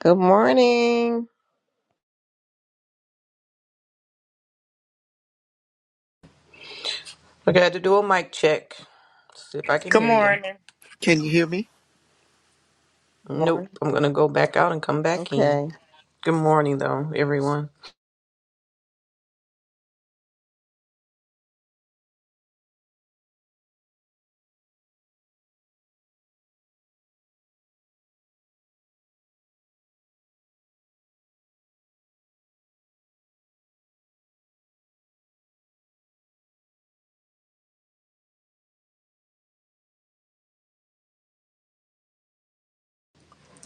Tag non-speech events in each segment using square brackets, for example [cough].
Good morning. Okay, I had to do a mic check. See if I can Good hear you. morning. Can you hear me? Morning. Nope. I'm gonna go back out and come back in. Okay. Good morning, though, everyone.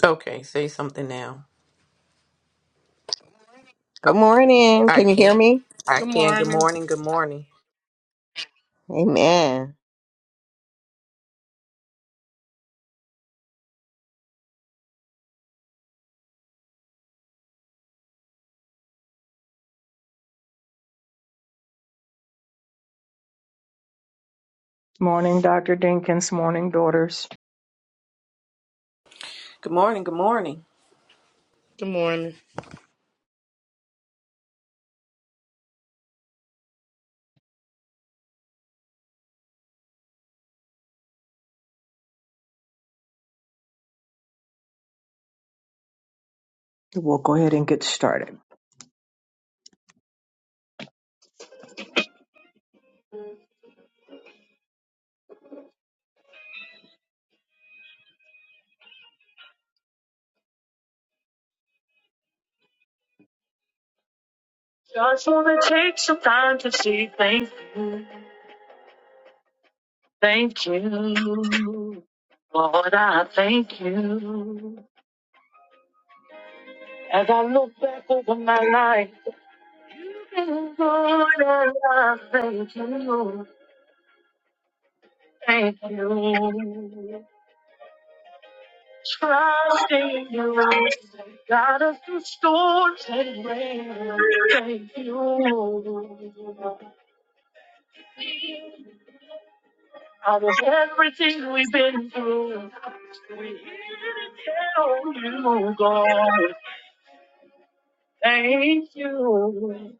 Okay, say something now. Good Oh, morning. I Can you hear can't. me? I Good can. Good morning. morning. Good morning. Amen. Morning, Dr. Dinkins. Morning, daughters. Good morning. Good morning. Good morning. We'll go ahead and get started. Just want to take some time to see. Thank you. Thank you. Lord, I thank you. As I look back over my life, Lord, I thank you. Thank you. Trusting you, got us through storms and rain. Thank you. Out of everything we've been through, we here to tell you, God, thank you.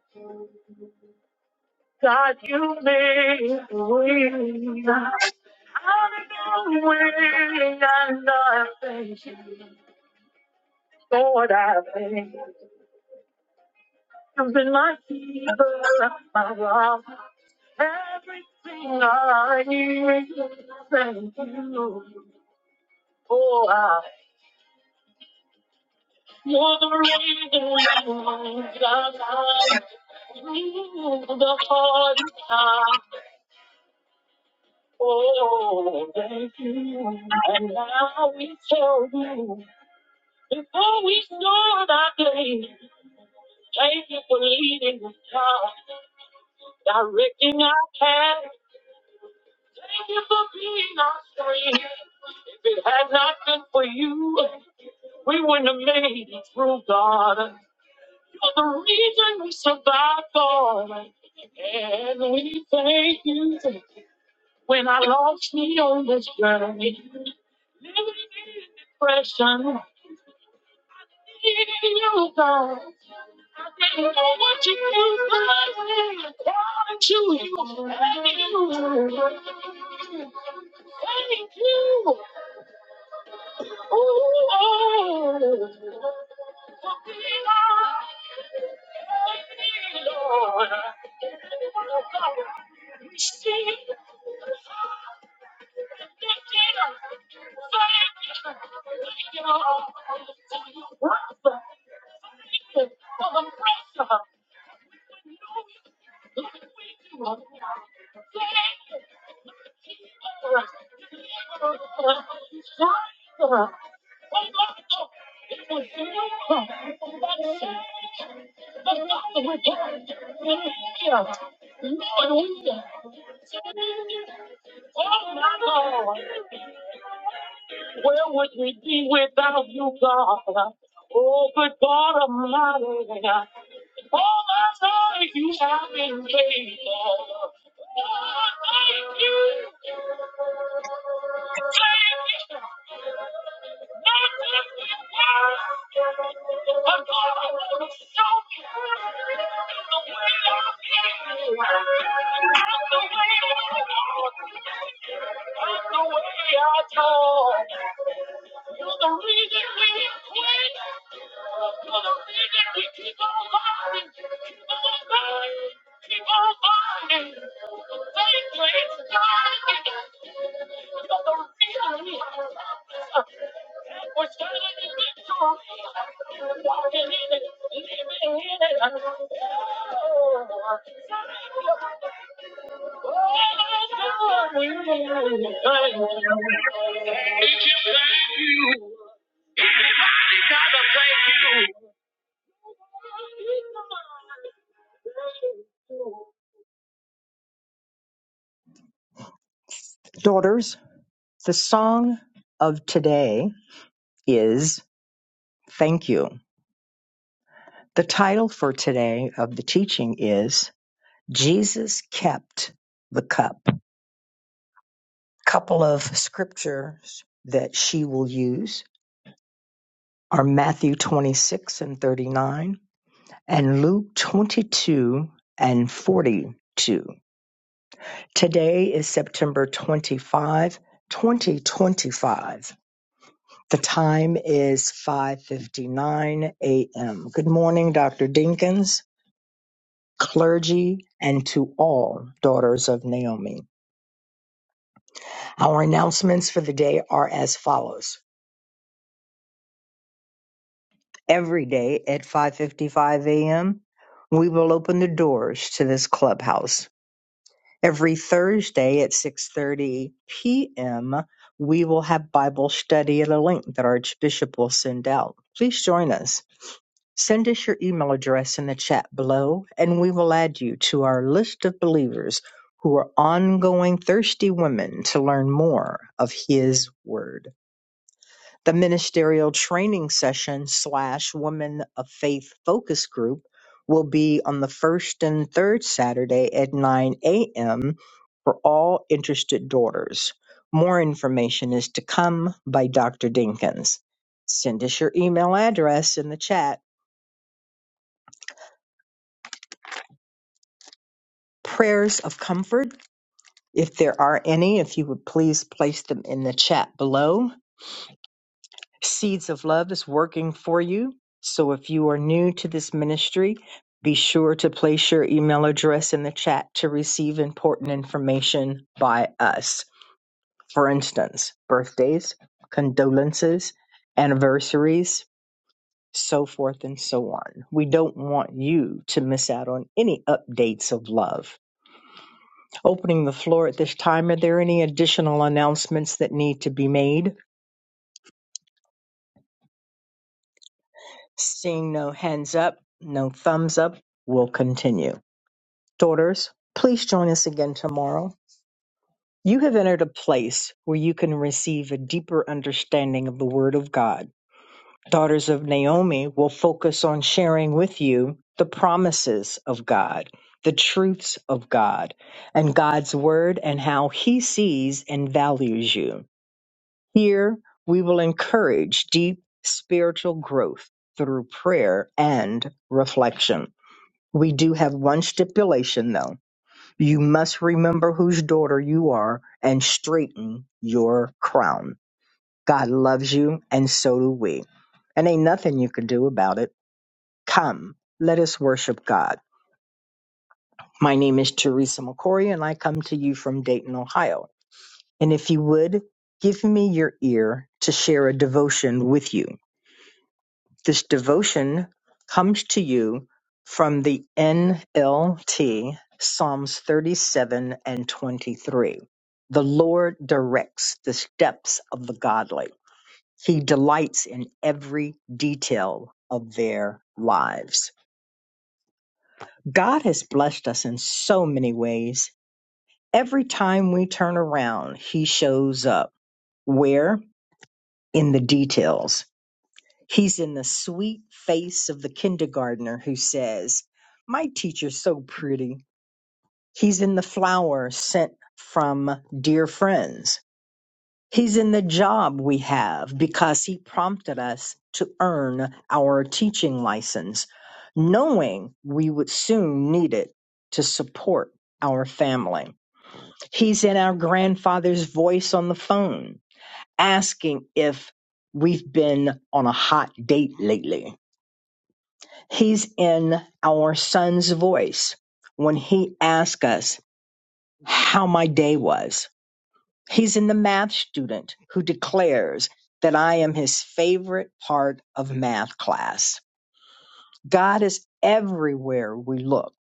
God, you made a way out of the way, and I thank you. Lord, I thank you. You've been my keeper, my rock, everything I need. Thank you. Oh, I. You're the reason we I'm alive. you the hardest times. Oh, thank you. And now we tell you. Before we start our day, thank you for leading us, God, directing our path. Thank you for being our strength. If it had not been for you, we wouldn't have made it through, God. You're the reason we survived, Lord. And we thank you when I lost me on this journey. Living in depression. Needing you, God. I didn't know what to do, but I called to you. Thank you. Thank you. Ooh, oh, for being our Lord. Oh my God. Where would we be without you, God? Oh, good God Almighty. All my life you have been faithful. Oh, thank you. Thank you. Not just with words, but God, I want to show you the way I feel. I'm the way I walk. I'm the way I talk. You're the reason we quit. You're the reason we keep on fighting. Keep on fighting. Keep on fighting. Faith is dying. You're the reason we are. we're standing in victory. Walking in it. Living in it. Oh, thank you. If you thank you, everybody gotta thank you. Daughters, the song of today is Thank You. The title for today of the teaching is Jesus Kept the Cup. Couple of scriptures that she will use. are Matthew 26 and 39 and Luke 22 and 42. Today is September twenty-fifth, twenty 25, 2025. The time is 5:59 a.m. Good morning, Dr. Dinkins, clergy, and to all daughters of Naomi. Our announcements for the day are as follows. Every day at 5:55 a.m., we will open the doors to this clubhouse Every Thursday at 6:30 p.m., we will have Bible study at a link that Archbishop will send out. Please join us. Send us your email address in the chat below, and we will add you to our list of believers who are ongoing thirsty women to learn more of His Word. The ministerial training session slash Women of Faith focus group will be on the first and third Saturday at 9 a.m. for all interested daughters. More information is to come by Dr. Dinkins. Send us your email address in the chat. Prayers of comfort, if there are any, if you would please place them in the chat below. Seeds of Love is working for you. So if you are new to this ministry, be sure to place your email address in the chat to receive important information by us. For instance, birthdays, condolences, anniversaries, so forth and so on. We don't want you to miss out on any updates of love. Opening the floor at this time, are there any additional announcements that need to be made? Seeing no hands up, no thumbs up, we'll continue. Daughters, please join us again tomorrow. You have entered a place where you can receive a deeper understanding of the Word of God. Daughters of Naomi will focus on sharing with you the promises of God, the truths of God, and God's Word and how He sees and values you. Here, we will encourage deep spiritual growth through prayer and reflection. We do have one stipulation though. You must remember whose daughter you are and straighten your crown. God loves you and so do we. And ain't nothing you can do about it. Come, let us worship God. My name is Teresa McCory and I come to you from Dayton, Ohio. And if you would, give me your ear to share a devotion with you. This devotion comes to you from the NLT, Psalms 37 and 23. The Lord directs the steps of the godly. He delights in every detail of their lives. God has blessed us in so many ways. Every time we turn around, He shows up. Where? In the details He's in the sweet face of the kindergartner who says, My teacher's so pretty. He's in the flower sent from dear friends. He's in the job we have because he prompted us to earn our teaching license, knowing we would soon need it to support our family. He's in our grandfather's voice on the phone, asking if we've been on a hot date lately He's in our son's voice when he asks us how my day was. He's in the math student who declares that I am his favorite part of math class. God is everywhere we look,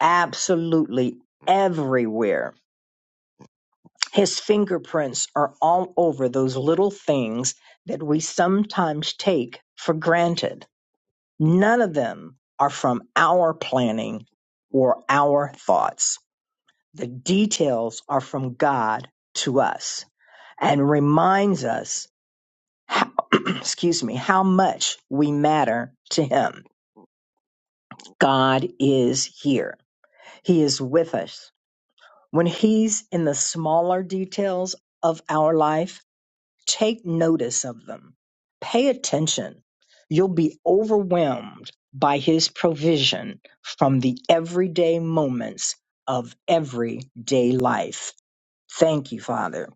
absolutely everywhere. His fingerprints are all over those little things that we sometimes take for granted. None of them are from our planning or our thoughts. The details are from God to us and reminds us how, [clears throat] excuse me, how much we matter to him. God is here. He is with us. When he's in the smaller details of our life, Take notice of them. Pay attention. You'll be overwhelmed by His provision from the everyday moments of everyday life. Thank you, Father.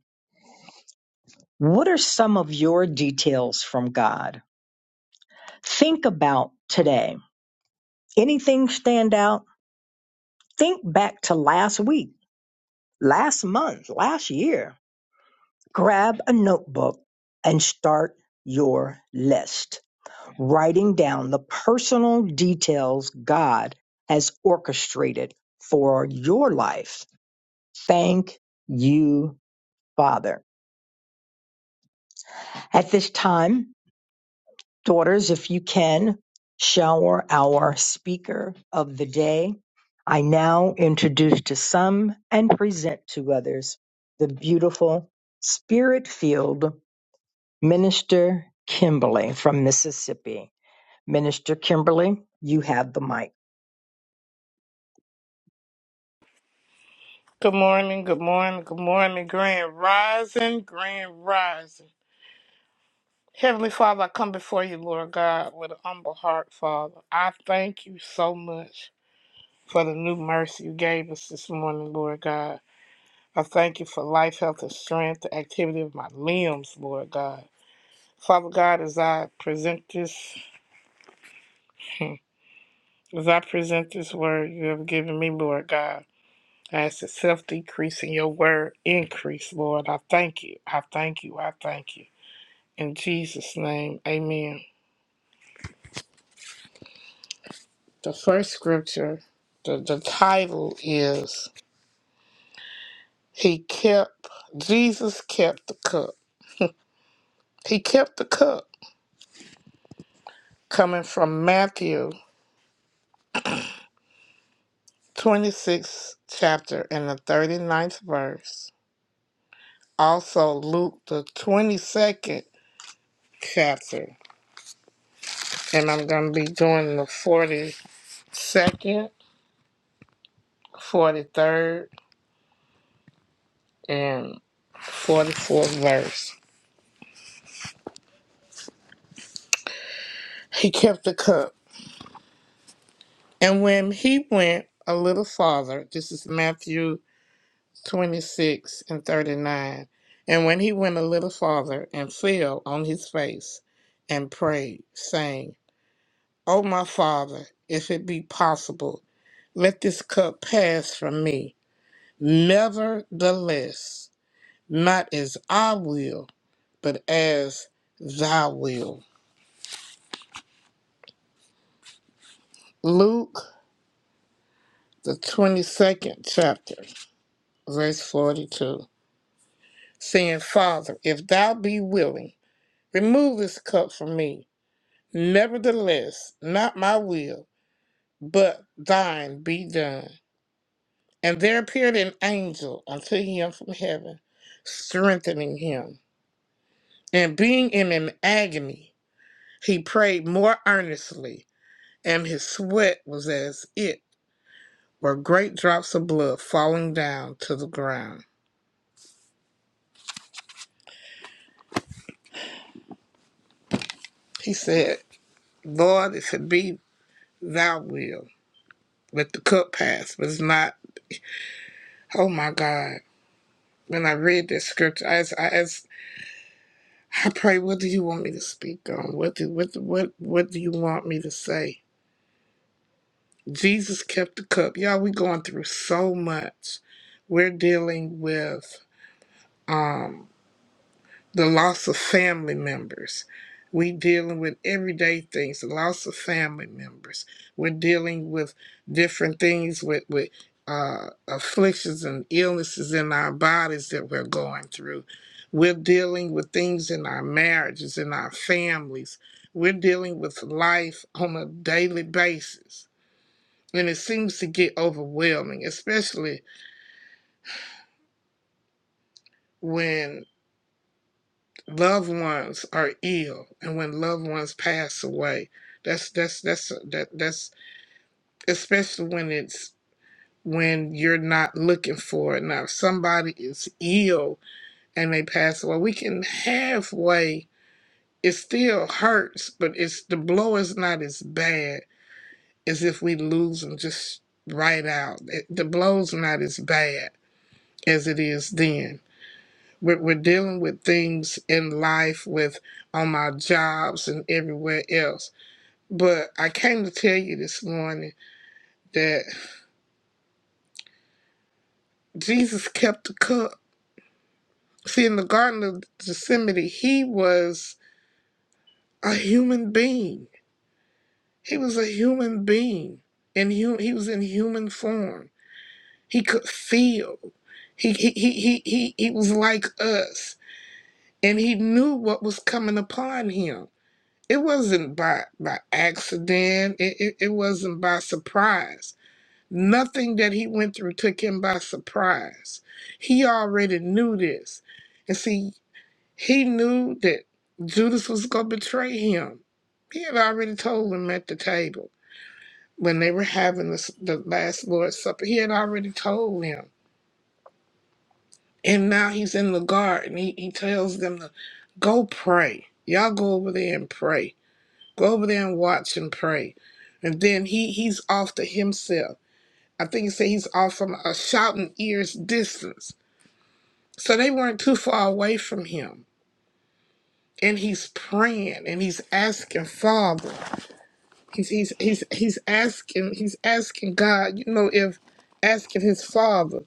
What are some of your details from God? Think about today. Anything stand out? Think back to last week, last month, last year. Grab a notebook and start your list writing down the personal details God has orchestrated for your life. Thank you, Father. At this time, daughters, if you can, shower our speaker of the day. I now introduce to some and present to others the beautiful spirit filled Minister Kimberly from Mississippi. Minister Kimberly, you have the mic. Good morning. Good morning. Good morning. Grand rising. Grand rising. Heavenly Father, I come before you, Lord God, with an humble heart, Father. I thank you so much for the new mercy you gave us this morning, Lord God. I thank you for life, health, and strength, the activity of my limbs, Lord God. Father God, as I present this, [laughs] as I present this word you have given me, Lord God. As it's self decreasing, your word increase, Lord. I thank you. I thank you. I thank you. In Jesus' name, amen. The first scripture, the, the title is He Kept, Jesus Kept the Cup. He kept the cup, coming from Matthew twenty-sixth chapter, and the thirty-ninth verse. Also, Luke, the 22nd chapter. And I'm going to be doing the 42nd, 43rd. and 44th verse. He kept the cup. And when he went a little farther, this is Matthew 26 and 39. And when he went a little farther and fell on his face and prayed, saying, O my Father, if it be possible, let this cup pass from me. Nevertheless, not as I will, but as thy will. Luke the 22nd chapter, verse 42, saying, Father, if thou be willing, remove this cup from me. Nevertheless, not my will, but thine be done. And there appeared an angel unto him from heaven, strengthening him. And being in an agony, he prayed more earnestly, and his sweat was as it were great drops of blood falling down to the ground. He said, Lord, if it be thy will. Let the cup pass, but it's not. Oh my God! When I read this scripture, I asked, I, asked, I pray, what do you want me to speak on? What do what what what do you want me to say? Jesus kept the cup. Y'all, we going through so much. We're dealing with. um. the loss of family members. We dealing with everyday things, the loss of family members. We're dealing with different things with with uh, afflictions and illnesses in our bodies that we're going through. We're dealing with things in our marriages, in our families. We're dealing with life on a daily basis. And it seems to get overwhelming, especially when. loved ones are ill and when loved ones pass away that's that's that's uh, that that's especially when it's when you're not looking for it now if somebody is ill and they pass away we can halfway it still hurts but it's the blow is not as bad as if we lose them just right out It- the blow's not as bad as it is then We're, we're dealing with things in life, with on my jobs and everywhere else. But I came to tell you this morning that Jesus kept the cup. See, in the Garden of Gethsemane, he was a human being. He was a human being, and he, he was in human form. He could feel. He he he he he he was like us, and he knew what was coming upon him it wasn't by by accident it, it, it wasn't by surprise nothing that he went through took him by surprise he already knew this and see he knew that judas was going to betray him he had already told him at the table when they were having the, the last lord's supper he had already told him and now he's in the garden he, he tells them to go pray y'all go over there and pray Go over there and watch and pray. And then he he's off to himself. I think he said he's off from a shouting ear's distance. So they weren't too far away from him. And he's praying and he's asking Father. He's he's he's he's asking he's asking God, you know, if asking his father,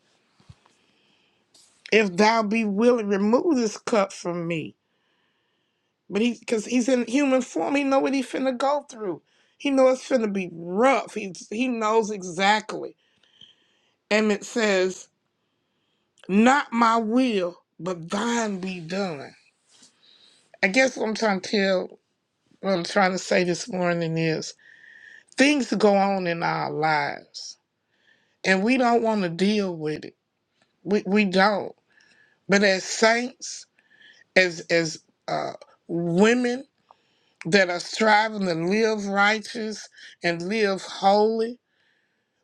if thou be willing, remove this cup from me. But he because he's in human form, he know what he finna go through. He know it's finna be rough. He he knows exactly. and it says, Not my will, but thine be done. I guess what I'm trying to tell, what I'm trying to say this morning is things go on in our lives, and we don't want to deal with it. We, we don't. But as saints, as, as uh, women that are striving to live righteous and live holy,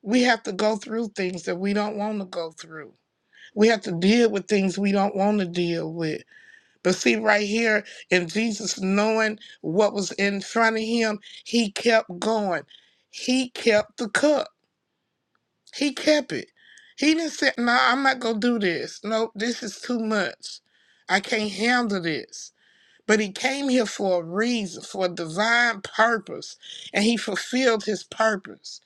we have to go through things that we don't want to go through. We have to deal with things we don't want to deal with But see, right here, in Jesus knowing what was in front of him, he kept going. He kept the cup. He kept it. He didn't say, No, I'm not going to do this. No, this is too much. I can't handle this. But he came here for a reason, for a divine purpose, and he fulfilled his purpose.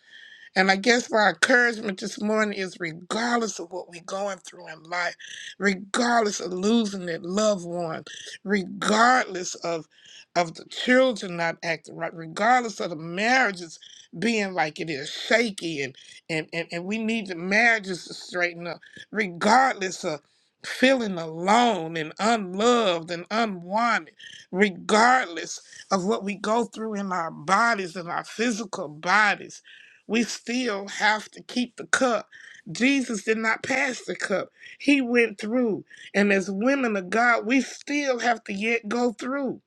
And I guess my encouragement this morning is regardless of what we're going through in life, regardless of losing a loved one, regardless of of the children not acting right, regardless of the marriages being like it is, shaky and and, and, and we need the marriages to straighten up, regardless of feeling alone and unloved and unwanted, regardless of what we go through in our bodies, in our physical bodies we still have to keep the cup. Jesus did not pass the cup. He went through. And as women of God, we still have to yet go through.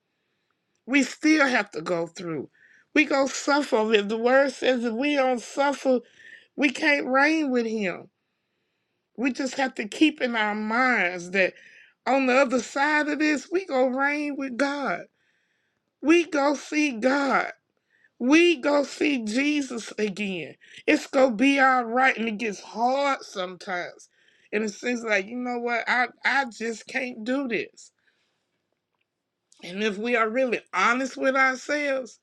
We still have to go through. We go suffer. If the word says if we don't suffer, we can't reign with him. We just have to keep in our minds that on the other side of this, we go reign with God. We go see God. We go see Jesus again. It's gonna be all right, and it gets hard sometimes. And it seems like you know what? I I just can't do this. And if we are really honest with ourselves,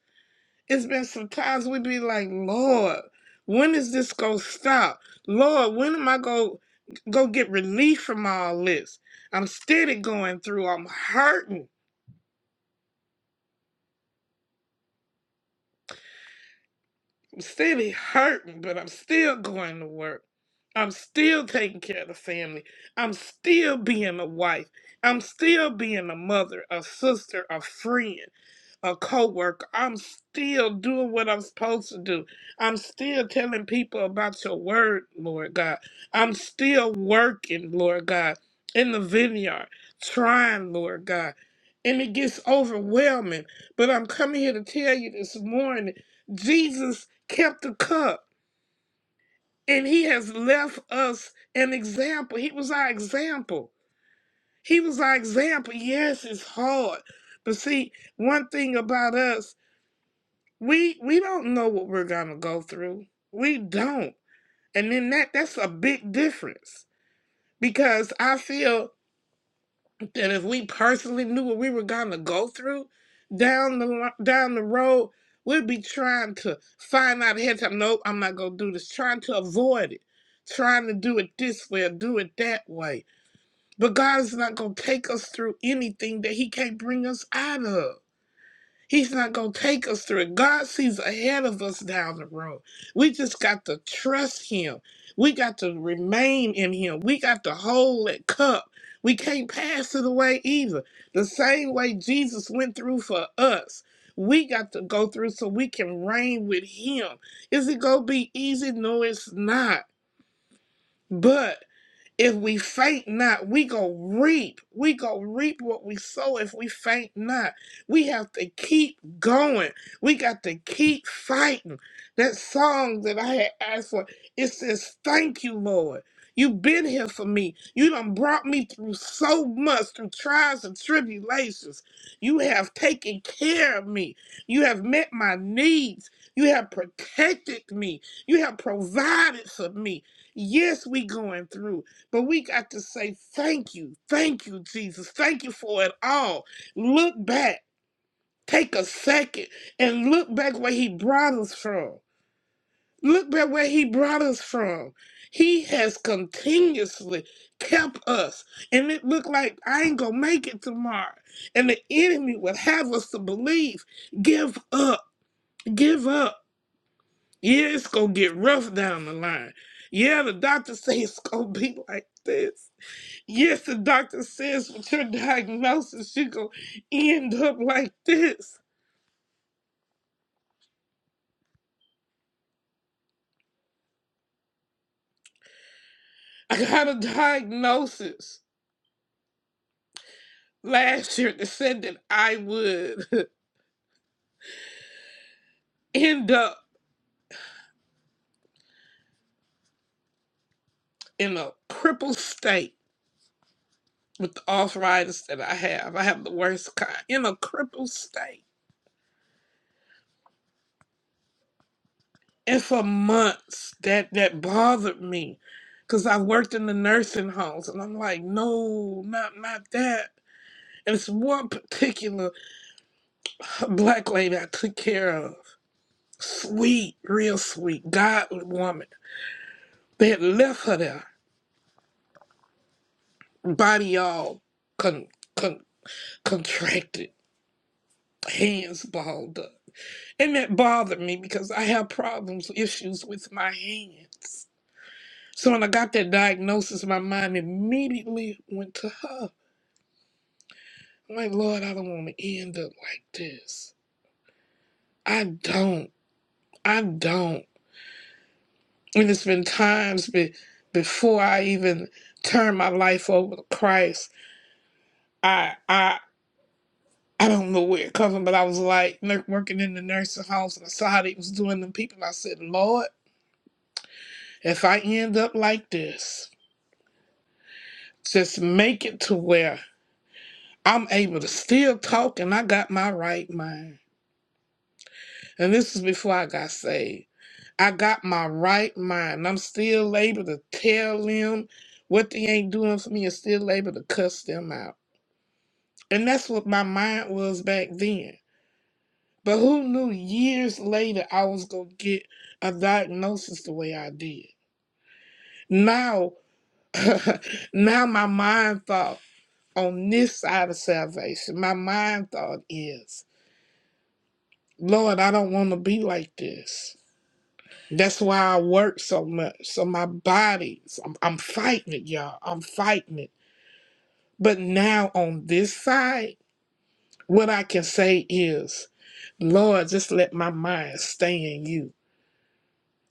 it's been some times we be like, Lord, when is this gonna stop? Lord, when am I gonna go get relief from all this? I'm steady going through. I'm hurting. I'm still be hurting, but I'm still going to work. I'm still taking care of the family. I'm still being a wife. I'm still being a mother, a sister, a friend a coworker. I'm still doing what I'm supposed to do. I'm still telling people about your word, Lord God. I'm still working, Lord God, in the vineyard, trying, Lord God. And it gets overwhelming. But I'm coming here to tell you this morning, Jesus kept the cup and he has left us an example. He was our example. He was our example. Yes, it's hard. But see, one thing about us we we don't know what we're gonna go through. We don't. And then that that's a big difference. Because I feel that if we personally knew what we were gonna go through down the li- down the road, we'd be trying to find out ahead of time, nope, I'm not gonna do this, trying to avoid it, trying to do it this way or do it that way. But God is not gonna take us through anything that He can't bring us out of. He's not going to take us through it. God sees ahead of us down the road. We just got to trust Him. We got to remain in Him. We got to hold that cup. We can't pass it away either. The same way Jesus went through for us, we got to go through so we can reign with Him. Is it going to be easy? No, it's not. But if we faint not, we go reap. We go reap what we sow if we faint not. We have to keep going. We got to keep fighting. That song that I had asked for, it says, Thank you, Lord. You've been here for me. You done brought me through so much, through trials and tribulations. You have taken care of me. You have met my needs. You have protected me. You have provided for me. Yes, we going through. But we got to say thank you, thank you, Jesus, thank you for it all. Look back, take a second, and look back where He brought us from. Look back where He brought us from. He has continuously kept us, and it looked like I ain't gonna make it tomorrow. And the enemy would have us to believe, give up, give up. Yeah, it's gonna get rough down the line. Yeah, the doctor say it's gonna be [laughs] like this Yes, the doctor says with your diagnosis, you going to end up like this. I got a diagnosis last year that said that I would [laughs] end up in a crippled state with the arthritis that I have. I have the worst kind, in a crippled state. And for months, that, that bothered me because I worked in the nursing homes and I'm like, no, not, not that. And it's one particular uh, black lady I took care of. Sweet, real sweet, godly woman. They left her there, body all con- con- contracted, hands balled up. And that bothered me because I have problems, issues with my hands. So when I got that diagnosis, my mind immediately went to her. I'm like, Lord, I don't want to end up like this. I don't. I don't. And it's been times be- before I even turned my life over to Christ. I I I don't know where it comes from, but I was like nur- working in the nursing homes and I saw how they was doing them people. And I said, Lord, if I end up like this, just make it to where I'm able to still talk and I got my right mind. And this is before I got saved. I got my right mind. I'm still able to tell them what they ain't doing for me and still able to cuss them out. And that's what my mind was back then. But who knew years later I was gonna get a diagnosis the way I did? Now, [laughs] now my mind thought on this side of salvation, my mind thought is, Lord, I don't want to be like this. That's why I work so much. So my body, so I'm, I'm fighting it, y'all. I'm fighting it. But now on this side, what I can say is, Lord, just let my mind stay in you.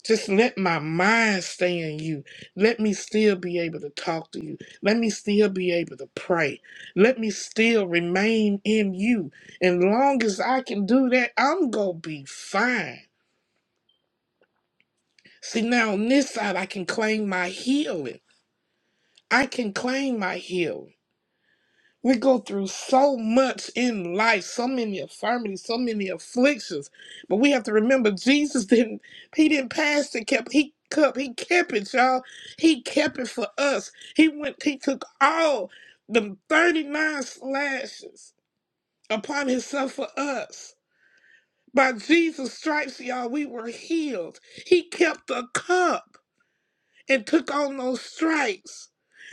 Just let my mind stay in you. Let me still be able to talk to you. Let me still be able to pray. Let me still remain in you. And long as I can do that, I'm going to be fine. See, now on this side, I can claim my healing. I can claim my healing. We go through so much in life, so many infirmities, so many afflictions. But we have to remember Jesus didn't he didn't pass the cup. He cup he kept it, y'all. He kept it for us. He went he took all the 39 slashes upon himself for us. By Jesus' stripes, y'all, we were healed. He kept the cup and took on those stripes.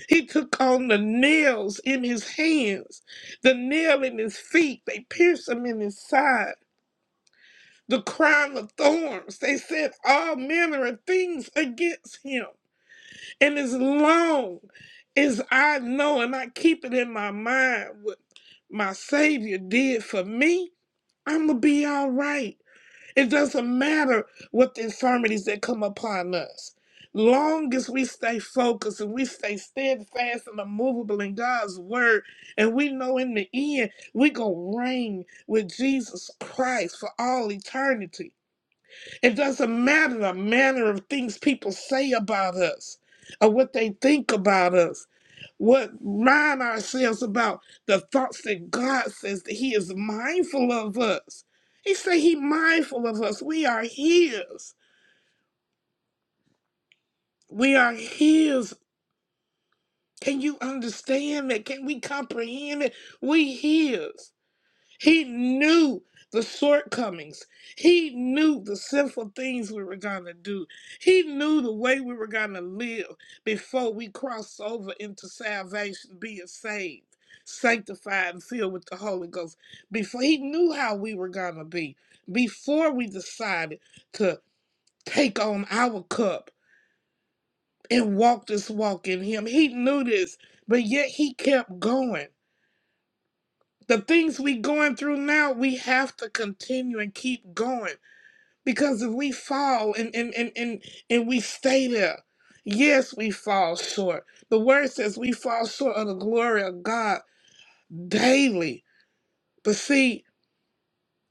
He took on the nails in his hands, the nail in his feet. They pierced him in his side. The crown of thorns. They said all manner of things against him. And as long as I know and I keep it in my mind what my Savior did for me, I'm going to be all right. It doesn't matter what the infirmities that come upon us. Long as we stay focused and we stay steadfast and immovable in God's word, and we know in the end we gonna reign with Jesus Christ for all eternity. It doesn't matter the manner of things people say about us or what they think about us. What mind ourselves about the thoughts that God says that He is mindful of us. He say He mindful of us. We are His. We are His. Can you understand that? Can we comprehend it? We His. He knew the shortcomings. He knew the sinful things we were going to do. He knew the way we were going to live before we crossed over into salvation, being saved, sanctified, and filled with the Holy Ghost. Before he knew how we were going to be, before we decided to take on our cup and walk this walk in him, he knew this, but yet he kept going the things we going through now we have to continue and keep going because if we fall and and and and, and we stay there yes we fall short the word says we fall short of the glory of god daily but see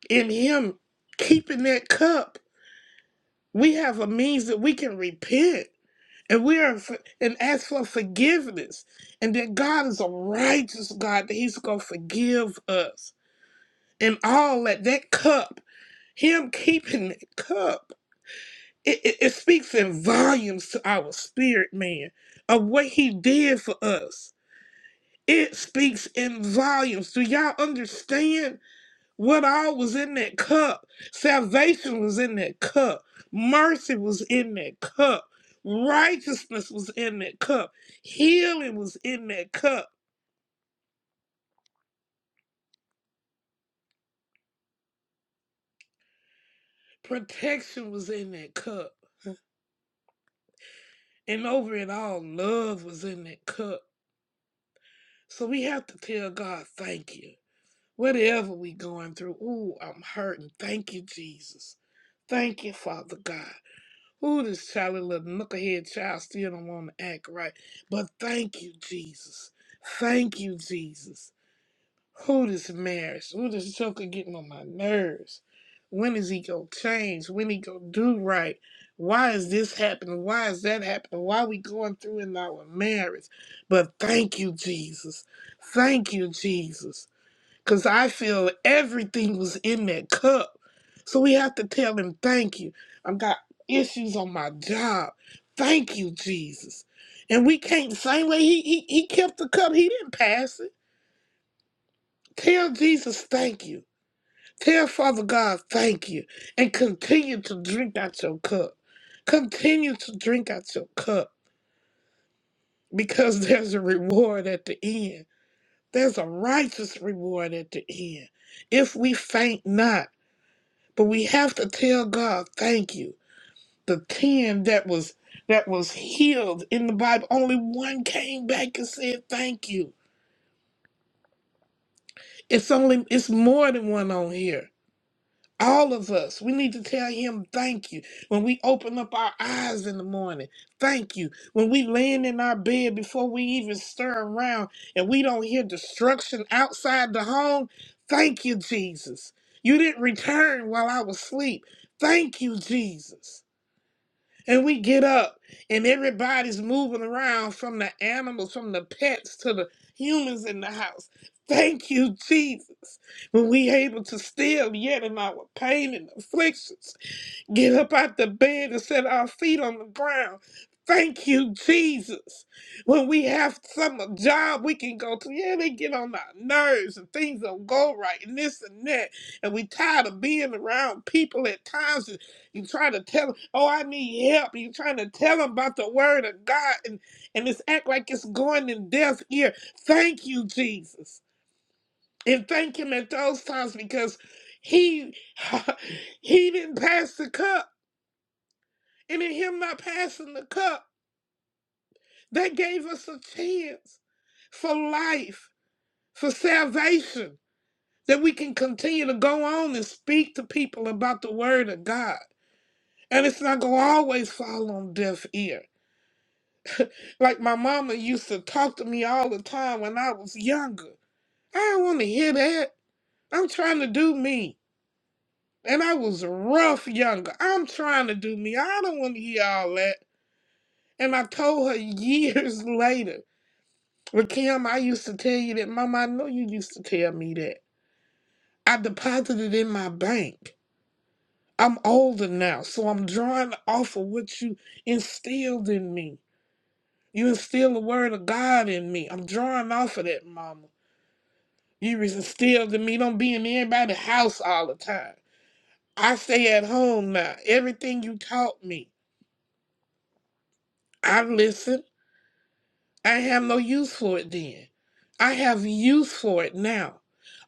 in him keeping that cup we have a means that we can repent and we are for- and ask for forgiveness and that god is a righteous god that he's going to forgive us and all that that cup Him keeping the cup, it, it, it speaks in volumes to our spirit, man, of what He did for us. It speaks in volumes. Do y'all understand what all was in that cup? Salvation was in that cup, mercy was in that cup, righteousness was in that cup, healing was in that cup, protection was in that cup, and over it all, love was in that cup. So we have to tell God, thank you. Whatever we going through, ooh, I'm hurting. Thank you, Jesus. Thank you, Father God. Ooh, this child, little knucklehead child still don't want to act right. But thank you, Jesus. Thank you, Jesus. Who this marriage? Who this joker getting on my nerves? When is he gonna change? When he gonna do right? Why is this happening? Why is that happening? Why we going through in our marriage? But thank you, Jesus. Thank you, Jesus. Because I feel everything was in that cup. So we have to tell him, thank you. I've got issues on my job. Thank you, Jesus. And we can't, same way he, he, he kept the cup, he didn't pass it. Tell Jesus, thank you. Tell Father God, thank you. And continue to drink out your cup. Continue to drink out your cup because [laughs] there's a reward at the end. There's a righteous reward at the end. If we faint not, But we have to tell God, thank you. The ten that was that was healed in the Bible, only one came back and said thank you. It's only it's more than one on here. All of us, we need to tell him thank you. When we open up our eyes in the morning, thank you. When we land in our bed before we even stir around and we don't hear destruction outside the home, thank you, Jesus. You didn't return while I was asleep. Thank you, Jesus. and we get up and everybody's moving around from the animals, from the pets to the humans in the house. Thank you, Jesus, when we able to still yet in our pain and afflictions. Get up out the bed and set our feet on the ground. Thank you, Jesus. When we have some job we can go to, yeah, they get on our nerves and things don't go right and this and that. And we tired of being around people at times. And you try to tell them, oh, I need help. You trying to tell them about the word of God and, and it's act like it's going in deaf ear. Thank you, Jesus. And thank him at those times because he [laughs] he didn't pass the cup. And in him not passing the cup, that gave us a chance for life, for salvation, that we can continue to go on and speak to people about the word of God. And it's not going to always fall on deaf ear. Like my mama used to talk to me all the time when I was younger. I don't want to hear that. I'm trying to do me. And I was rough younger. I'm trying to do me. I don't want to hear all that. And I told her years [laughs] later. But Kim, I used to tell you that, Mama, I know you used to tell me that. I deposited in my bank. I'm older now, so I'm drawing off of what you instilled in me. You instilled the word of God in me. I'm drawing off of that, Mama. You was instilled in me. Don't be in everybody's house all the time. I stay at home now. Everything you taught me, I listen. I have no use for it then. I have use for it now.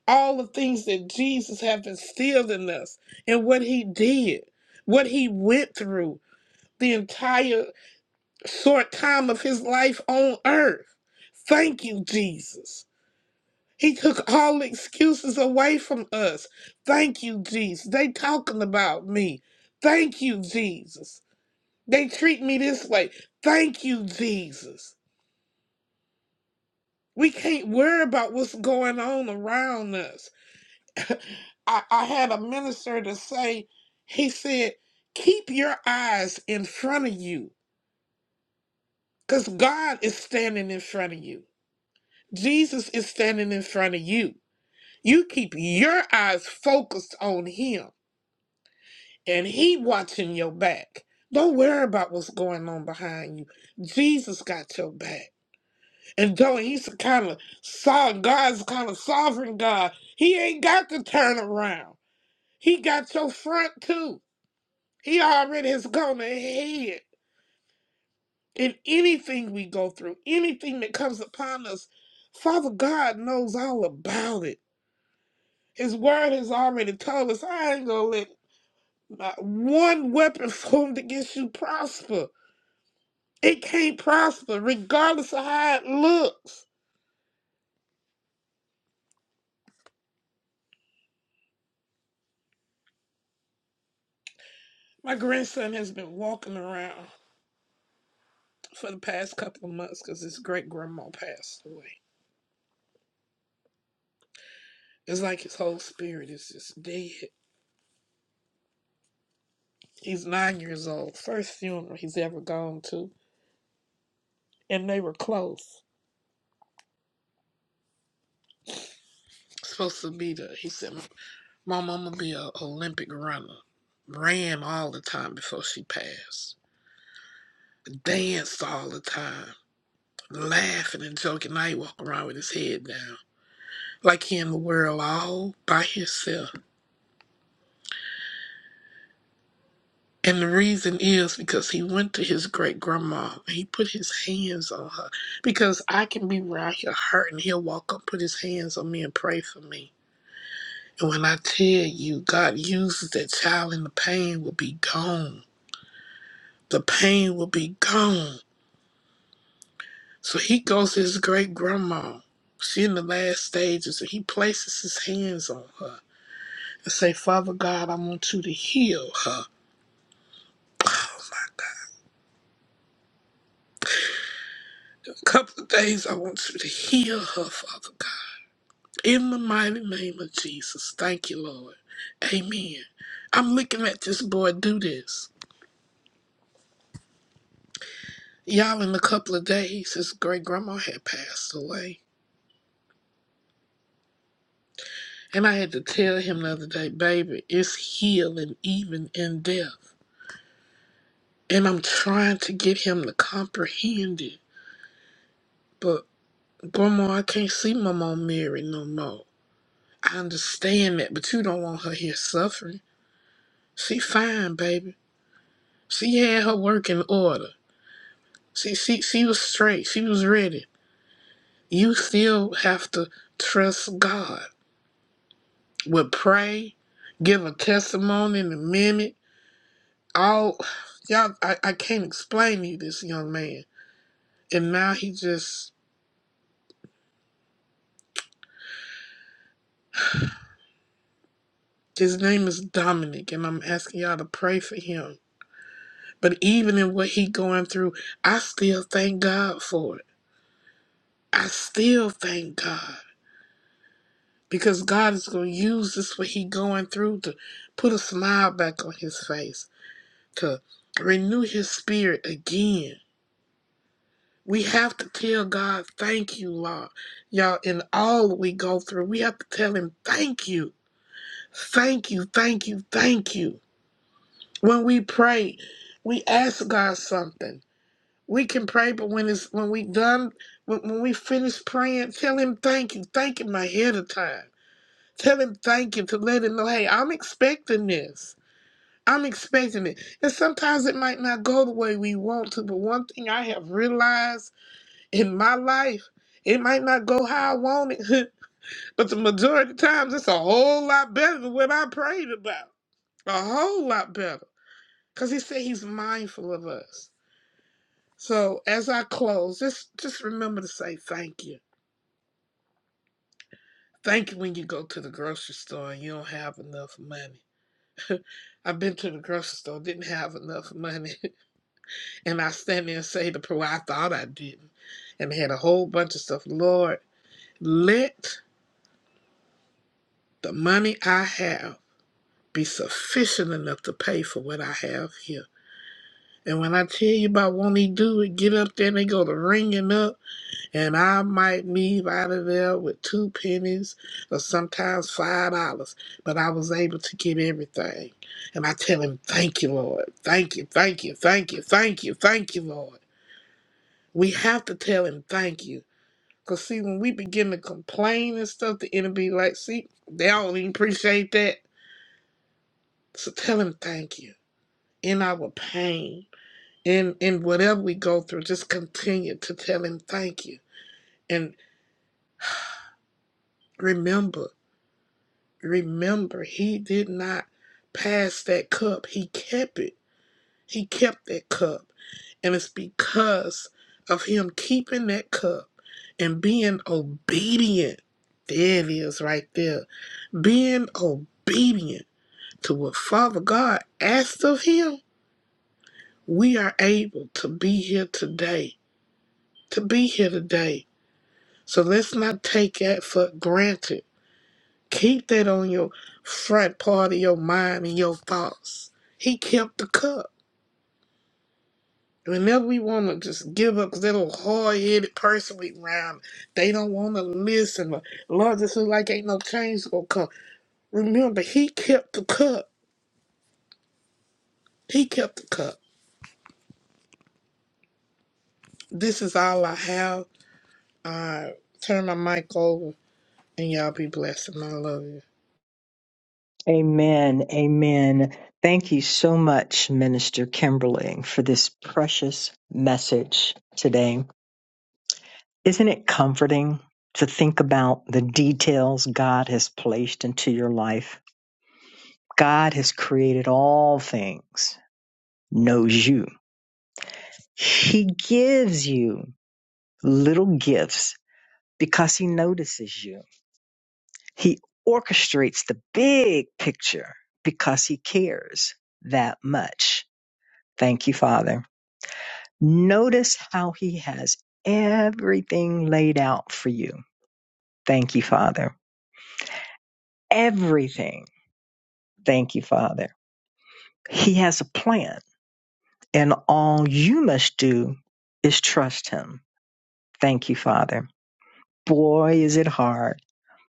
all the things that Jesus have instilled in us and what he did, what he went through the entire short time of his life on earth. Thank you, Jesus. He took all excuses away from us. Thank you, Jesus. They talking about me. Thank you, Jesus. They treat me this way. Thank you, Jesus. We can't worry about what's going on around us. [laughs] I, I had a minister to say, he said, keep your eyes in front of you because God is standing in front of you. Jesus is standing in front of you. You keep your eyes focused on him and he watching your back. Don't worry about what's going on behind you. Jesus got your back. And though he's a kind of sovereign, God's kind of sovereign God, he ain't got to turn around. He got your front too. He already has gone ahead in anything we go through, anything that comes upon us. Father God knows all about it. His word has already told us, I ain't gonna let not one weapon [laughs] formed against you prosper. It can't prosper, regardless of how it looks. My grandson has been walking around for the past couple of months because his great grandma passed away. It's like his whole spirit is just dead. He's nine years old, first funeral he's ever gone to and they were close. Supposed to be the, he said, my mama be a Olympic runner. Ran all the time before she passed. Danced all the time. Laughing and joking. Now he walk around with his head down. Like he in the world all by himself. And the reason is because he went to his great grandma and he put his hands on her. Because I can be around here hurting. He'll walk up, put his hands on me and pray for me. And When I tell you, God uses that child and the pain will be gone. The pain will be gone. So he goes to his great grandma. She in the last stages, and he places his hands on her and say, Father God, I want you to heal her. Oh my God. A couple of days, I want you to heal her, Father God. In the mighty name of Jesus. Thank you, Lord. Amen. I'm looking at this boy do this. Y'all, in a couple of days, his great grandma had passed away. And I had to tell him the other day, baby, it's healing even in death. And I'm trying to get him to comprehend it. But, grandma, I can't see my mom Mary no more. I understand that, but you don't want her here suffering. She fine, baby. She had her work in order. She, she, she was straight. She was ready. You still have to trust God. would pray, give a testimony in a minute. All y'all, I, I can't explain to you this young man. And now he just his name is Dominic, and I'm asking y'all to pray for him. But even in what he going through, I still thank God for it. I still thank God because God is gonna use this what he going through to put a smile back on his face, to renew his spirit again We have to tell God, thank you, Lord. Y'all, in all that we go through, we have to tell Him, thank you, thank you, thank you, thank you. When we pray, we ask God something. We can pray, but when it's when we done, when, when we finish praying, tell Him thank you, thank Him ahead of time. Tell Him thank you to let Him know, hey, I'm expecting this. I'm expecting it. And sometimes it might not go the way we want to, but one thing I have realized in my life, it might not go how I want it, [laughs] but the majority of times it's a whole lot better than what I prayed about. A whole lot better. Because he said he's mindful of us. So as I close, just just remember to say thank you. Thank you when you go to the grocery store and you don't have enough money. I've been to the grocery store, didn't have enough money, [laughs] and I stand there and say to prayer, I thought I didn't, and had a whole bunch of stuff. Lord, let the money I have be sufficient enough to pay for what I have here. And when I tell you about won't he do it, get up there and they go to ringing up, and I might leave out of there with two pennies or sometimes five dollars. But I was able to get everything. And I tell him, thank you, Lord. Thank you, thank you, thank you, thank you, thank you, Lord. We have to tell him thank you. Because, see, when we begin to complain and stuff, the enemy like, see, they don't even appreciate that. So tell him thank you in our pain. And and whatever we go through, just continue to tell him thank you. And remember, remember, he did not pass that cup. He kept it. He kept that cup. And it's because of him keeping that cup and being obedient. There it is right there. Being obedient to what Father God asked of him, we are able to be here today. To be here today So let's not take that for granted. Keep that on your front part of your mind and your thoughts. He kept the cup. Whenever we want to just give up 'cause that little hard headed person we round, they don't want to listen. But Lord, this is like ain't no change gonna come. Remember, He kept the cup. He kept the cup. This is all I have. I turn my mic over and y'all be blessed and I love you. Amen. Amen. Thank you so much, Minister Kimberly, for this precious message today. Isn't it comforting to think about the details God has placed into your life? God has created all things, knows you. He gives you little gifts because he notices you. He orchestrates the big picture because he cares that much. Thank you, Father. Notice how he has everything laid out for you. Thank you, Father. Everything. Thank you, Father. He has a plan, and all you must do is trust him. Thank you, Father. Boy, is it hard,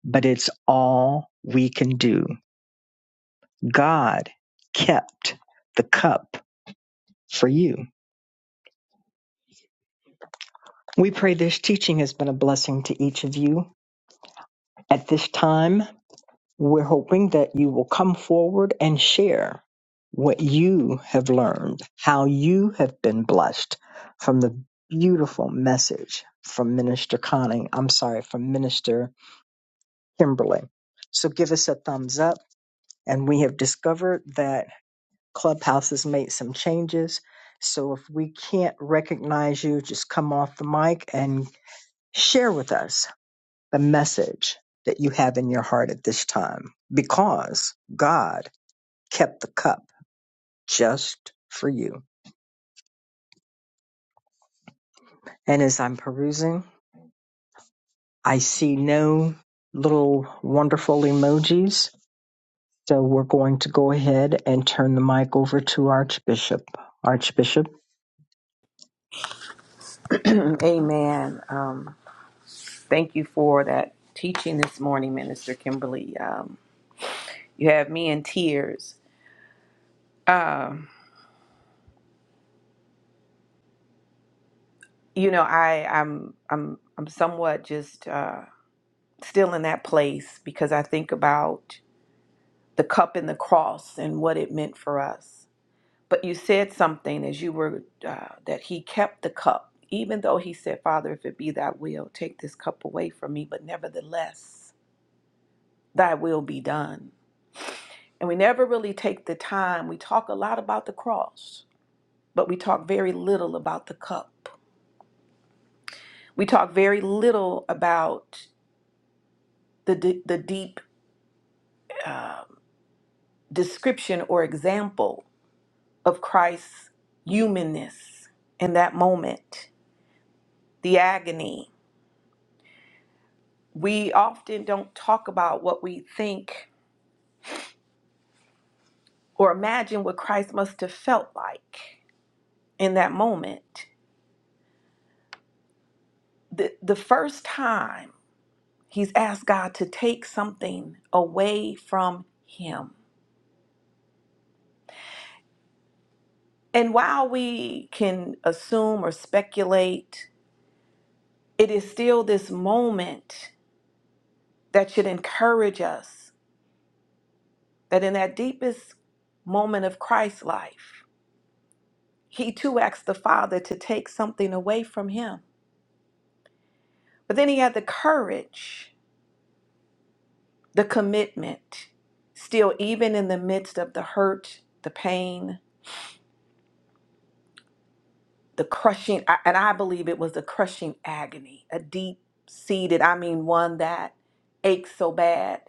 but it's all we can do. God kept the cup for you. We pray this teaching has been a blessing to each of you at this time. We're hoping that you will come forward and share what you have learned, how you have been blessed from the beautiful message from Minister Conning. I'm sorry, from Minister Kimberly. So give us a thumbs up. And we have discovered that Clubhouse has made some changes. So if we can't recognize you, just come off the mic and share with us the message that you have in your heart at this time because. God kept the cup just for you. And as I'm perusing, I see no little wonderful emojis. So we're going to go ahead and turn the mic over to Archbishop. Archbishop, [clears throat] Amen. Um, thank you for that teaching this morning, Minister Kimberly. Um, you have me in tears. Um, you know, I, I'm, I'm, I'm somewhat just uh, still in that place because I think about the cup and the cross and what it meant for us. But you said something as you were uh, that he kept the cup, even though he said, Father, if it be thy will, take this cup away from me, but nevertheless, thy will be done. And we never really take the time. We talk a lot about the cross, but we talk very little about the cup. We talk very little about the, d- the deep uh, description or example of Christ's humanness in that moment the agony. We often don't talk about what we think or imagine what Christ must have felt like in that moment. The, the first time he's asked God to take something away from him. And while we can assume or speculate, it is still this moment that should encourage us that in that deepest moment of Christ's life, he too asked the Father to take something away from him But then he had the courage, the commitment, still, even in the midst of the hurt, the pain, the crushing, I- and I believe it was the crushing agony, a deep seated, I mean, one that aches so bad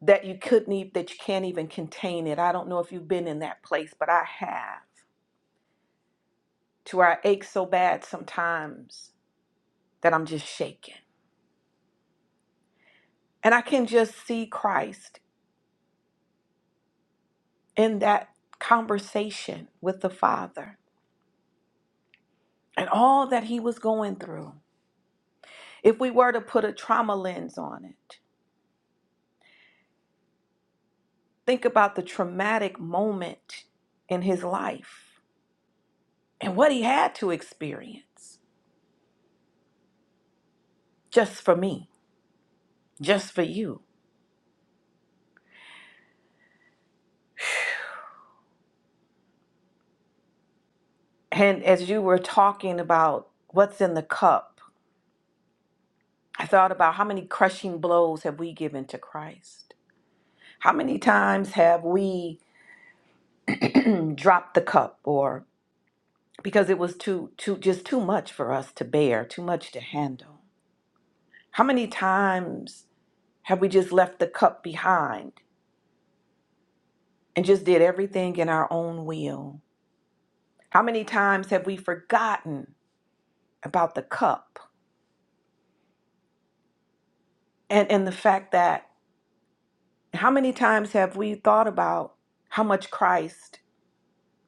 that you couldn't even, that you can't even contain it. I don't know if you've been in that place, but I have, to where I ache so bad sometimes that I'm just shaken. And I can just see Christ in that conversation with the Father and all that he was going through. If we were to put a trauma lens on it, think about the traumatic moment in his life and what he had to experience just for me, just for you. And as you were talking about what's in the cup, I thought about how many crushing blows have we given to Christ? How many times have we dropped the cup or because it was too too just too much for us to bear, too much to handle? How many times Have we just left the cup behind and just did everything in our own will? How many times have we forgotten about the cup and, and the fact that how many times have we thought about how much Christ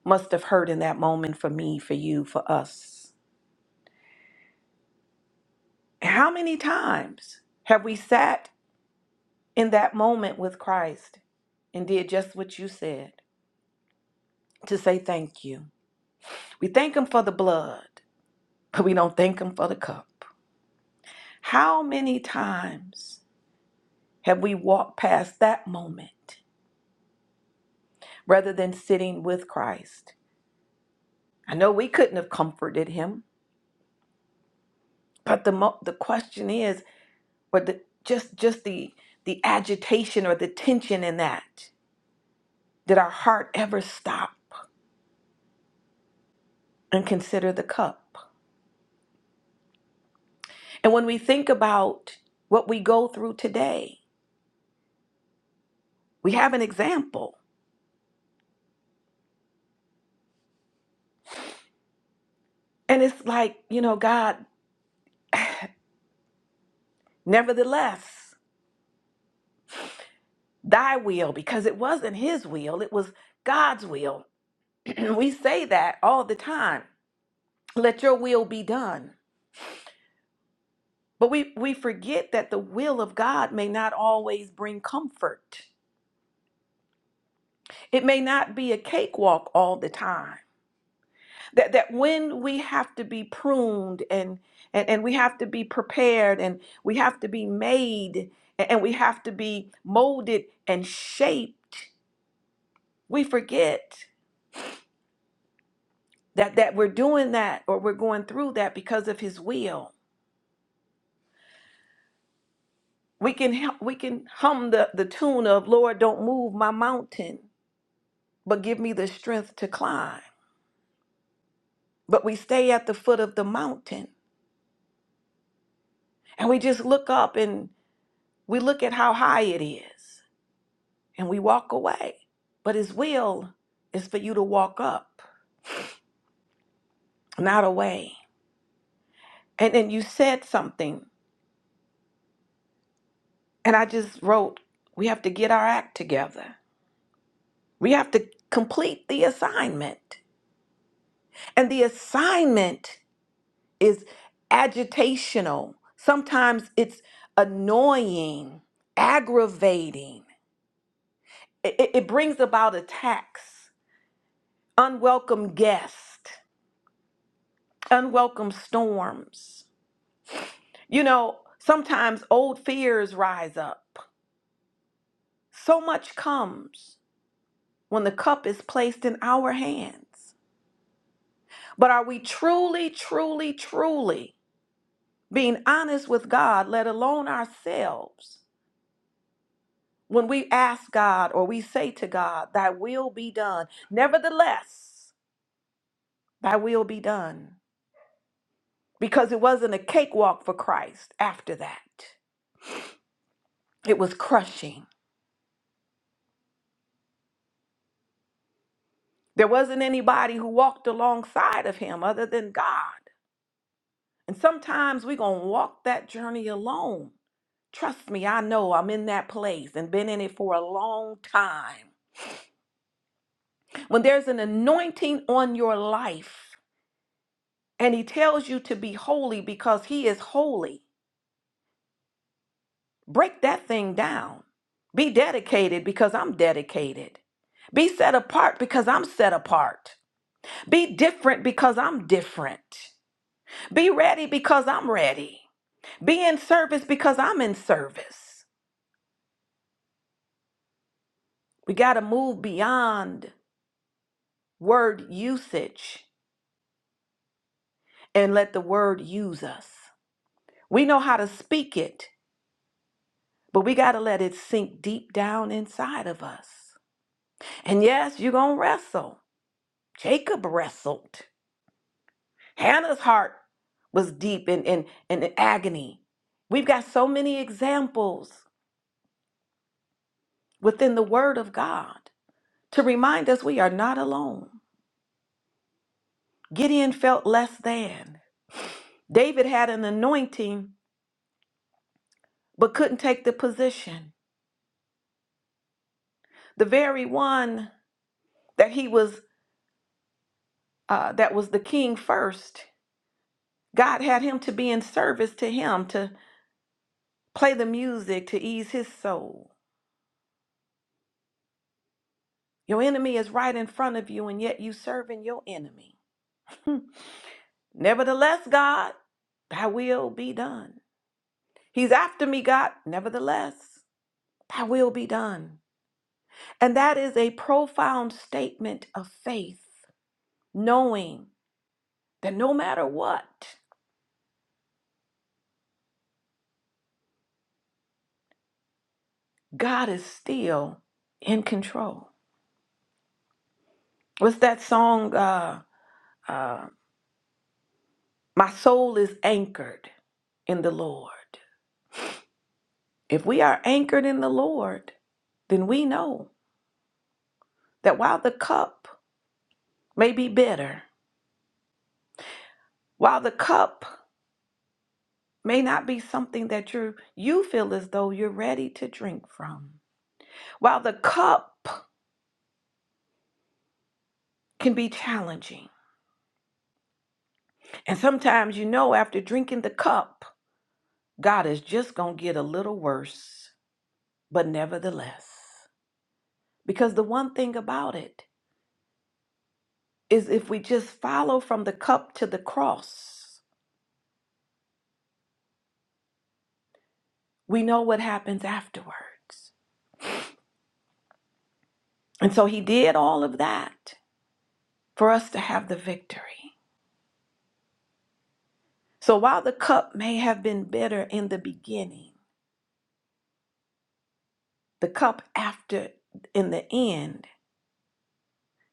must have hurt in that moment for me, for you, for us? How many times have we sat in that moment with Christ and did just what you said to say thank you? We thank Him for the blood, but we don't thank Him for the cup. How many times have we walked past that moment rather than sitting with Christ? I know we couldn't have comforted him, but the mo- the question is, or the just just the the agitation or the tension in that. Did our heart ever stop and consider the cup? And when we think about what we go through today, we have an example. And it's like, you know, God, nevertheless. thy will because it wasn't his will, it was God's will. [clears throat] we say that all the time. Let your will be done. But we, we forget that the will of God may not always bring comfort. It may not be a cakewalk all the time. That that when we have to be pruned and and, and we have to be prepared and we have to be made and and we have to be molded and shaped, we forget that that we're doing that or we're going through that because of his will we can hum- we can hum the, the tune of lord don't move my mountain but give me the strength to climb but we stay at the foot of the mountain and we just look up and we look at how high it is and we walk away but his will is for you to walk up not away and then you said something and i just wrote we have to get our act together we have to complete the assignment And the assignment is agitational. Sometimes it's annoying, aggravating. It, it- it brings about attacks, unwelcome guests, unwelcome storms. You know, sometimes old fears rise up. So much comes when the cup is placed in our hands. But are we truly, truly, truly being honest with God, let alone ourselves? When we ask God or we say to God, Thy will be done, nevertheless, Thy will be done. Because it wasn't a cakewalk for Christ after that, it was crushing. There wasn't anybody who walked alongside of Him other than God. And sometimes we're going to walk that journey alone. Trust me, I know I'm in that place and been in it for a long time. When there's an anointing on your life and he tells you to be holy because he is holy, Break that thing down. Be dedicated because I'm dedicated. Be set apart because I'm set apart. Be different because I'm different. Be ready because I'm ready. Be in service because I'm in service. We got to move beyond word usage and let the word use us. We know how to speak it, but we got to let it sink deep down inside of us. And yes, you're going to wrestle. Jacob wrestled. Hannah's heart was deep in, in, in agony. We've got so many examples within the Word of God to remind us we are not alone. Gideon felt less than. David had an anointing but couldn't take the position. The very one that he was uh, that was the king first. God had him to be in service to him to play the music to ease his soul. Your enemy is right in front of you, and yet you serving your enemy. Hmm. Nevertheless, God, thy will be done. He's after me, God. Nevertheless, thy will be done. And that is a profound statement of faith, knowing that no matter what, God is still in control. What's that song? Uh, uh, My soul is anchored in the Lord. If we are anchored in the Lord, then we know that while the cup may be bitter, while the cup may not be something that you you feel as though you're ready to drink from. While the cup can be challenging, and sometimes you know after drinking the cup, God is just going to get a little worse, but nevertheless, because the one thing about it is if we just follow from the cup to the cross, we know what happens afterwards. And so he did all of that for us to have the victory. So while the cup may have been bitter in the beginning, The cup after, in the end,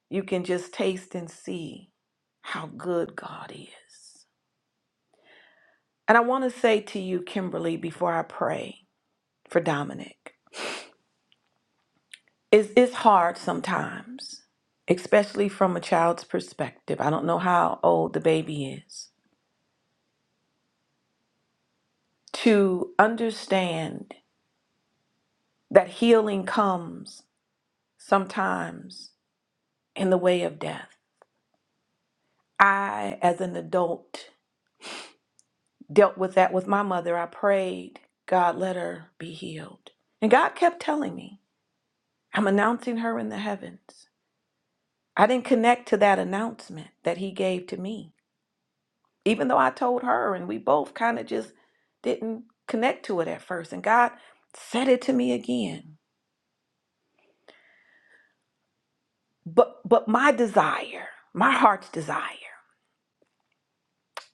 you can just taste and see how good God is. And I want to say to you, Kimberly, before I pray for Dominic, it's, it's hard sometimes, especially from a child's perspective. I don't know how old the baby is, to understand that healing comes sometimes in the way of death. I, as an adult, dealt with that with my mother. I prayed, God, let her be healed. And God kept telling me, I'm announcing her in the heavens. I didn't connect to that announcement that He gave to me, even though I told her, and we both kind of just didn't connect to it at first. And God said it to me again. But, but my desire, my heart's desire,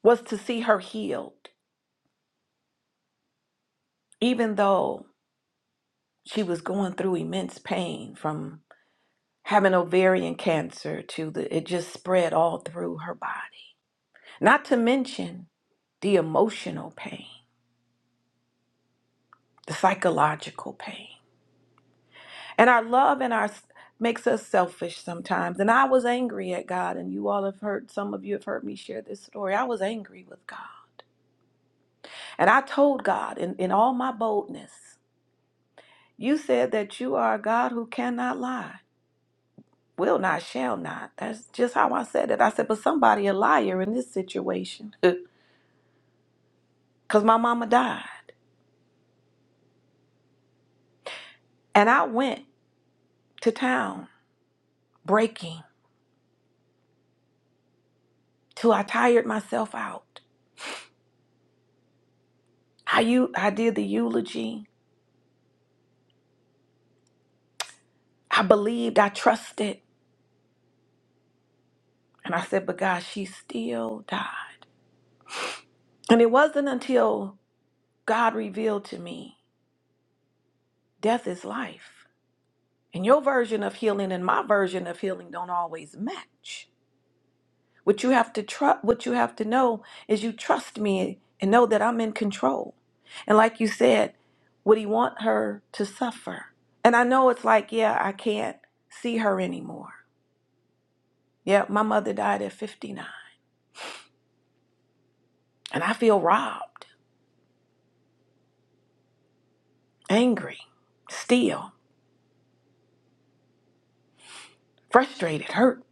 was to see her healed, even though she was going through immense pain from having ovarian cancer to the it just spread all through her body not to mention the emotional pain the psychological pain and our love and our makes us selfish sometimes and i was angry at god and you all have heard some of you have heard me share this story i was angry with god and i told god in, in all my boldness you said that you are a god who cannot lie will not shall not that's just how i said it i said but somebody a liar in this situation [laughs] because my mama died. And I went to town breaking till I tired myself out. I, u- I did the eulogy. I believed, I trusted. And I said, but God, she still died. And it wasn't until God revealed to me death is life. And your version of healing and my version of healing don't always match. What you have to trust, what you have to know is you trust me and know that I'm in control. And like you said, would he want her to suffer? And I know it's like, yeah, I can't see her anymore. Yeah, my mother died at 59, and I feel robbed, angry, still frustrated, hurt.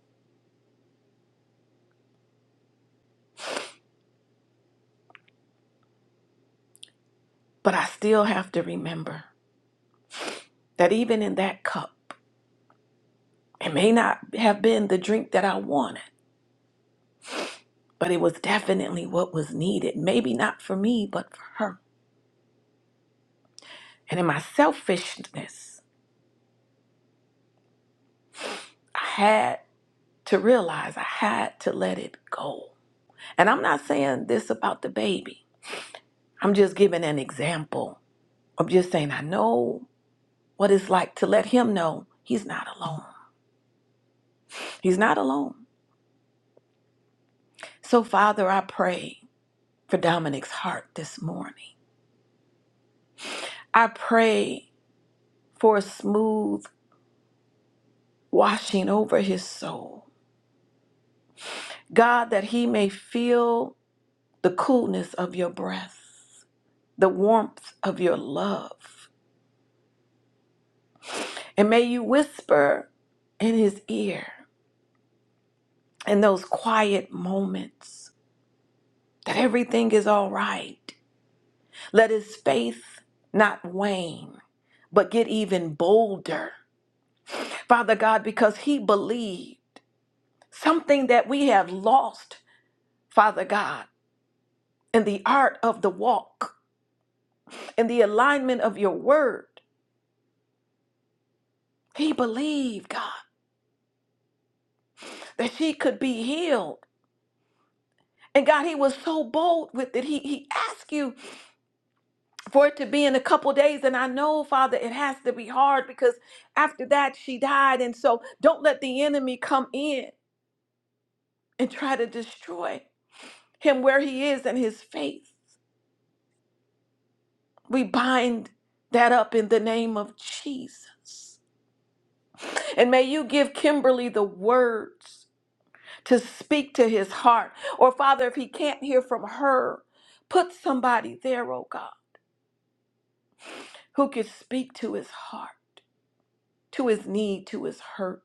But I still have to remember that even in that cup, it may not have been the drink that I wanted, but it was definitely what was needed. Maybe not for me, but for her. And in my selfishness, I had to realize I had to let it go. And I'm not saying this about the baby, I'm just giving an example. I'm just saying I know what it's like to let him know he's not alone. He's not alone. So, Father, I pray for Dominic's heart this morning. I pray for a smooth washing over his soul. God, that he may feel the coolness of your breath. the warmth of your love. And may you whisper in his ear in those quiet moments that everything is all right. Let his faith not wane, but get even bolder. Father God, because he believed something that we have lost, Father God, in the art of the walk, in the alignment of your word. He believed, God, that she could be healed And God, he was so bold with it. He he asked you for it to be in a couple days. And I know, Father, it has to be hard because after that she died. And so don't let the enemy come in and try to destroy him where he is in his faith. We bind that up in the name of Jesus. And may you give Kimberly the words to speak to his heart. Or Father, if he can't hear from her, put somebody there, oh God, who can speak to his heart. to his need, to his hurt.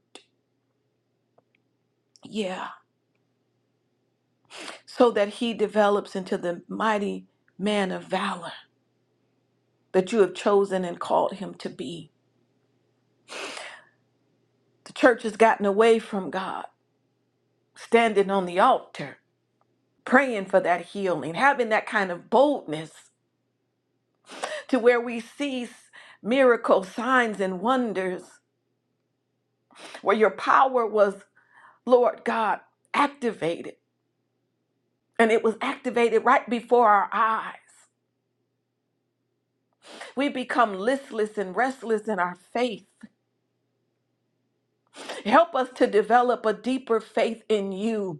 Yeah. So that he develops into the mighty man of valor that you have chosen and called him to be. The church has gotten away from God, standing on the altar, praying for that healing, having that kind of boldness to where we see miracles, signs, and wonders, where your power was, Lord God, activated. And it was activated right before our eyes. We become listless and restless in our faith Help us to develop a deeper faith in you.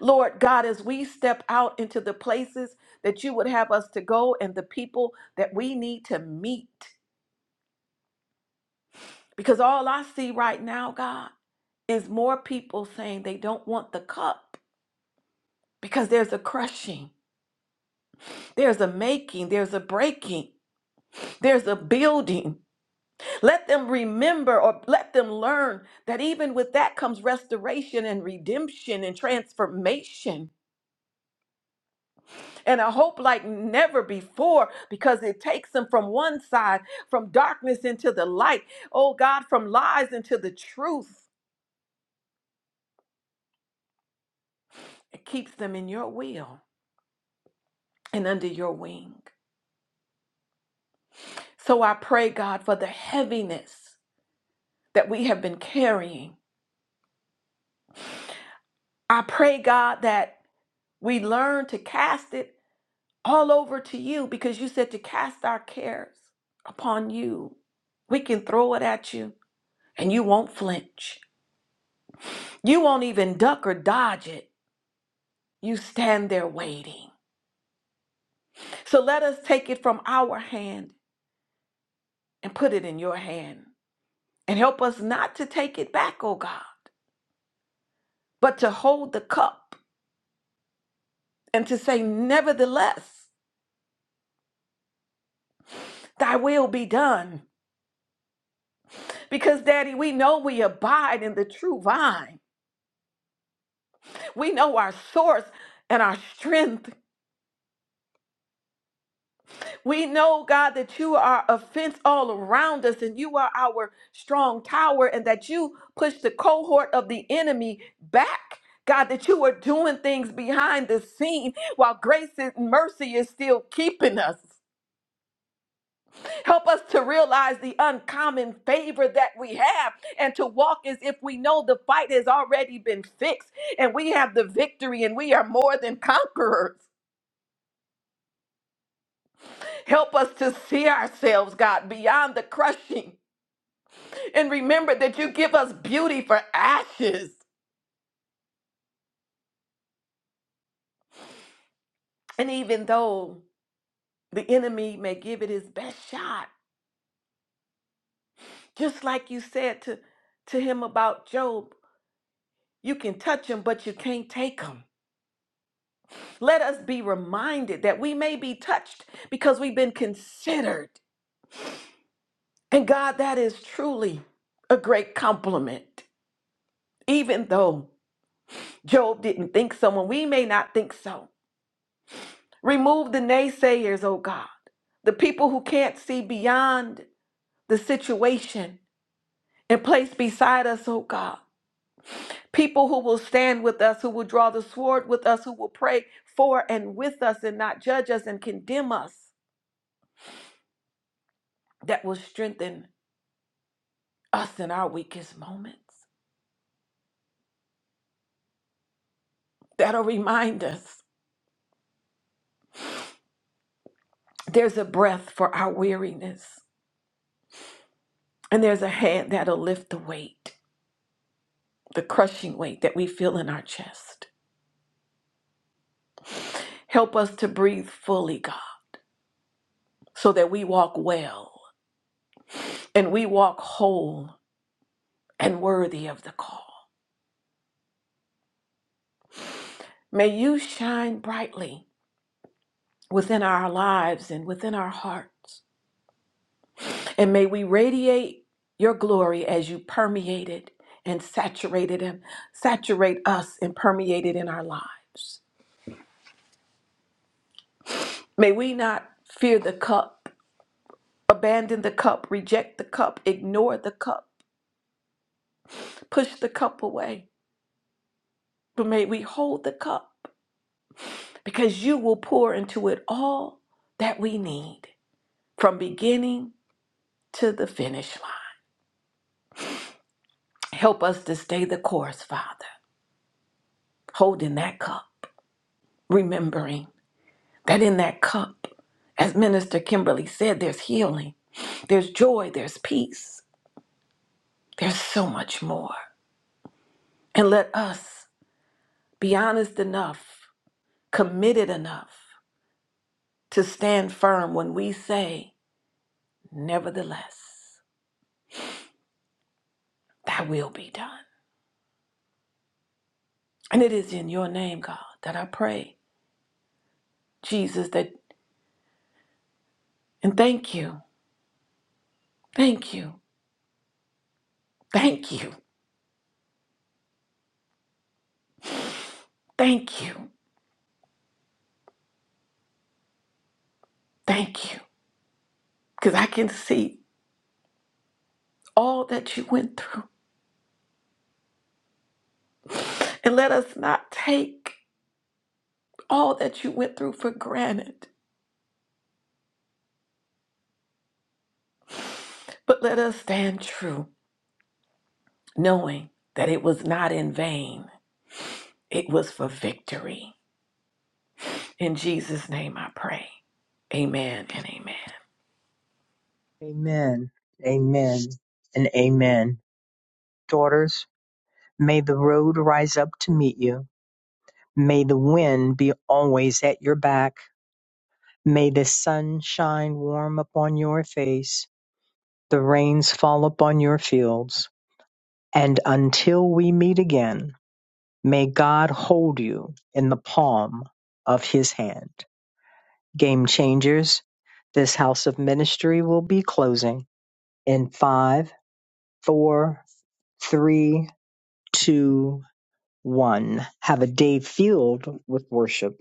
Lord God, as we step out into the places that you would have us to go and the people that we need to meet. Because all I see right now, God, is more people saying they don't want the cup because there's a crushing, there's a making, there's a breaking, there's a building. Let them remember or let them learn that even with that comes restoration and redemption and transformation. and a hope like never before because it takes them from one side, from darkness into the light. Oh God, from lies into the truth. It keeps them in your will and under your wing. So I pray, God, for the heaviness that we have been carrying. I pray, God, that we learn to cast it all over to you because you said to cast our cares upon you. We can throw it at you and you won't flinch. You won't even duck or dodge it You stand there waiting. So let us take it from our hand and put it in your hand. And help us not to take it back, O God, but to hold the cup and to say, Nevertheless, thy will be done. Because, Daddy, we know we abide in the true vine. We know our source and our strength. We know, God, that you are a fence all around us and you are our strong tower, and that you push the cohort of the enemy back. God, that you are doing things behind the scene while grace and mercy is still keeping us. Help us to realize the uncommon favor that we have and to walk as if we know the fight has already been fixed and we have the victory and we are more than conquerors. Help us to see ourselves, God, beyond the crushing and remember that you give us beauty for ashes. And even though the enemy may give it his best shot, just like you said to, to him about Job, you can touch him, but you can't take him. Let us be reminded that we may be touched because we've been considered. And God, that is truly a great compliment. Even though Job didn't think so, and we may not think so. Remove the naysayers, oh God, the people who can't see beyond the situation and place beside us, oh God. People who will stand with us, who will draw the sword with us, who will pray for and with us and not judge us and condemn us, that will strengthen us in our weakest moments. That'll remind us there's a breath for our weariness, and there's a hand that'll lift the weight, the crushing weight that we feel in our chest. Help us to breathe fully, God, so that we walk well and we walk whole and worthy of the call. May you shine brightly within our lives and within our hearts. And may we radiate your glory as you permeate it and saturate it and saturate us and permeate it in our lives. May we not fear the cup, abandon the cup, reject the cup, ignore the cup, push the cup away. But may we hold the cup because you will pour into it all that we need from beginning to the finish line. Help us to stay the course, Father, holding that cup, remembering that in that cup, as Minister Kimberly said, there's healing, there's joy, there's peace, there's so much more. And let us be honest enough, committed enough to stand firm when we say, nevertheless, that will be done. And it is in your name, God, that I pray, Jesus, that, and thank you, thank you, thank you, thank you, thank you. because I can see all that you went through. And let us not take all that you went through for granted, but let us stand true, knowing that it was not in vain, it was for victory. In Jesus' name I pray. Amen and amen. amen, amen, and amen. Daughters, may the road rise up to meet you. May the wind be always at your back. May the sun shine warm upon your face, the rains fall upon your fields. And until we meet again, may God hold you in the palm of his hand. Game changers, this house of ministry will be closing in five, four, three, two, one. Have a day filled with worship.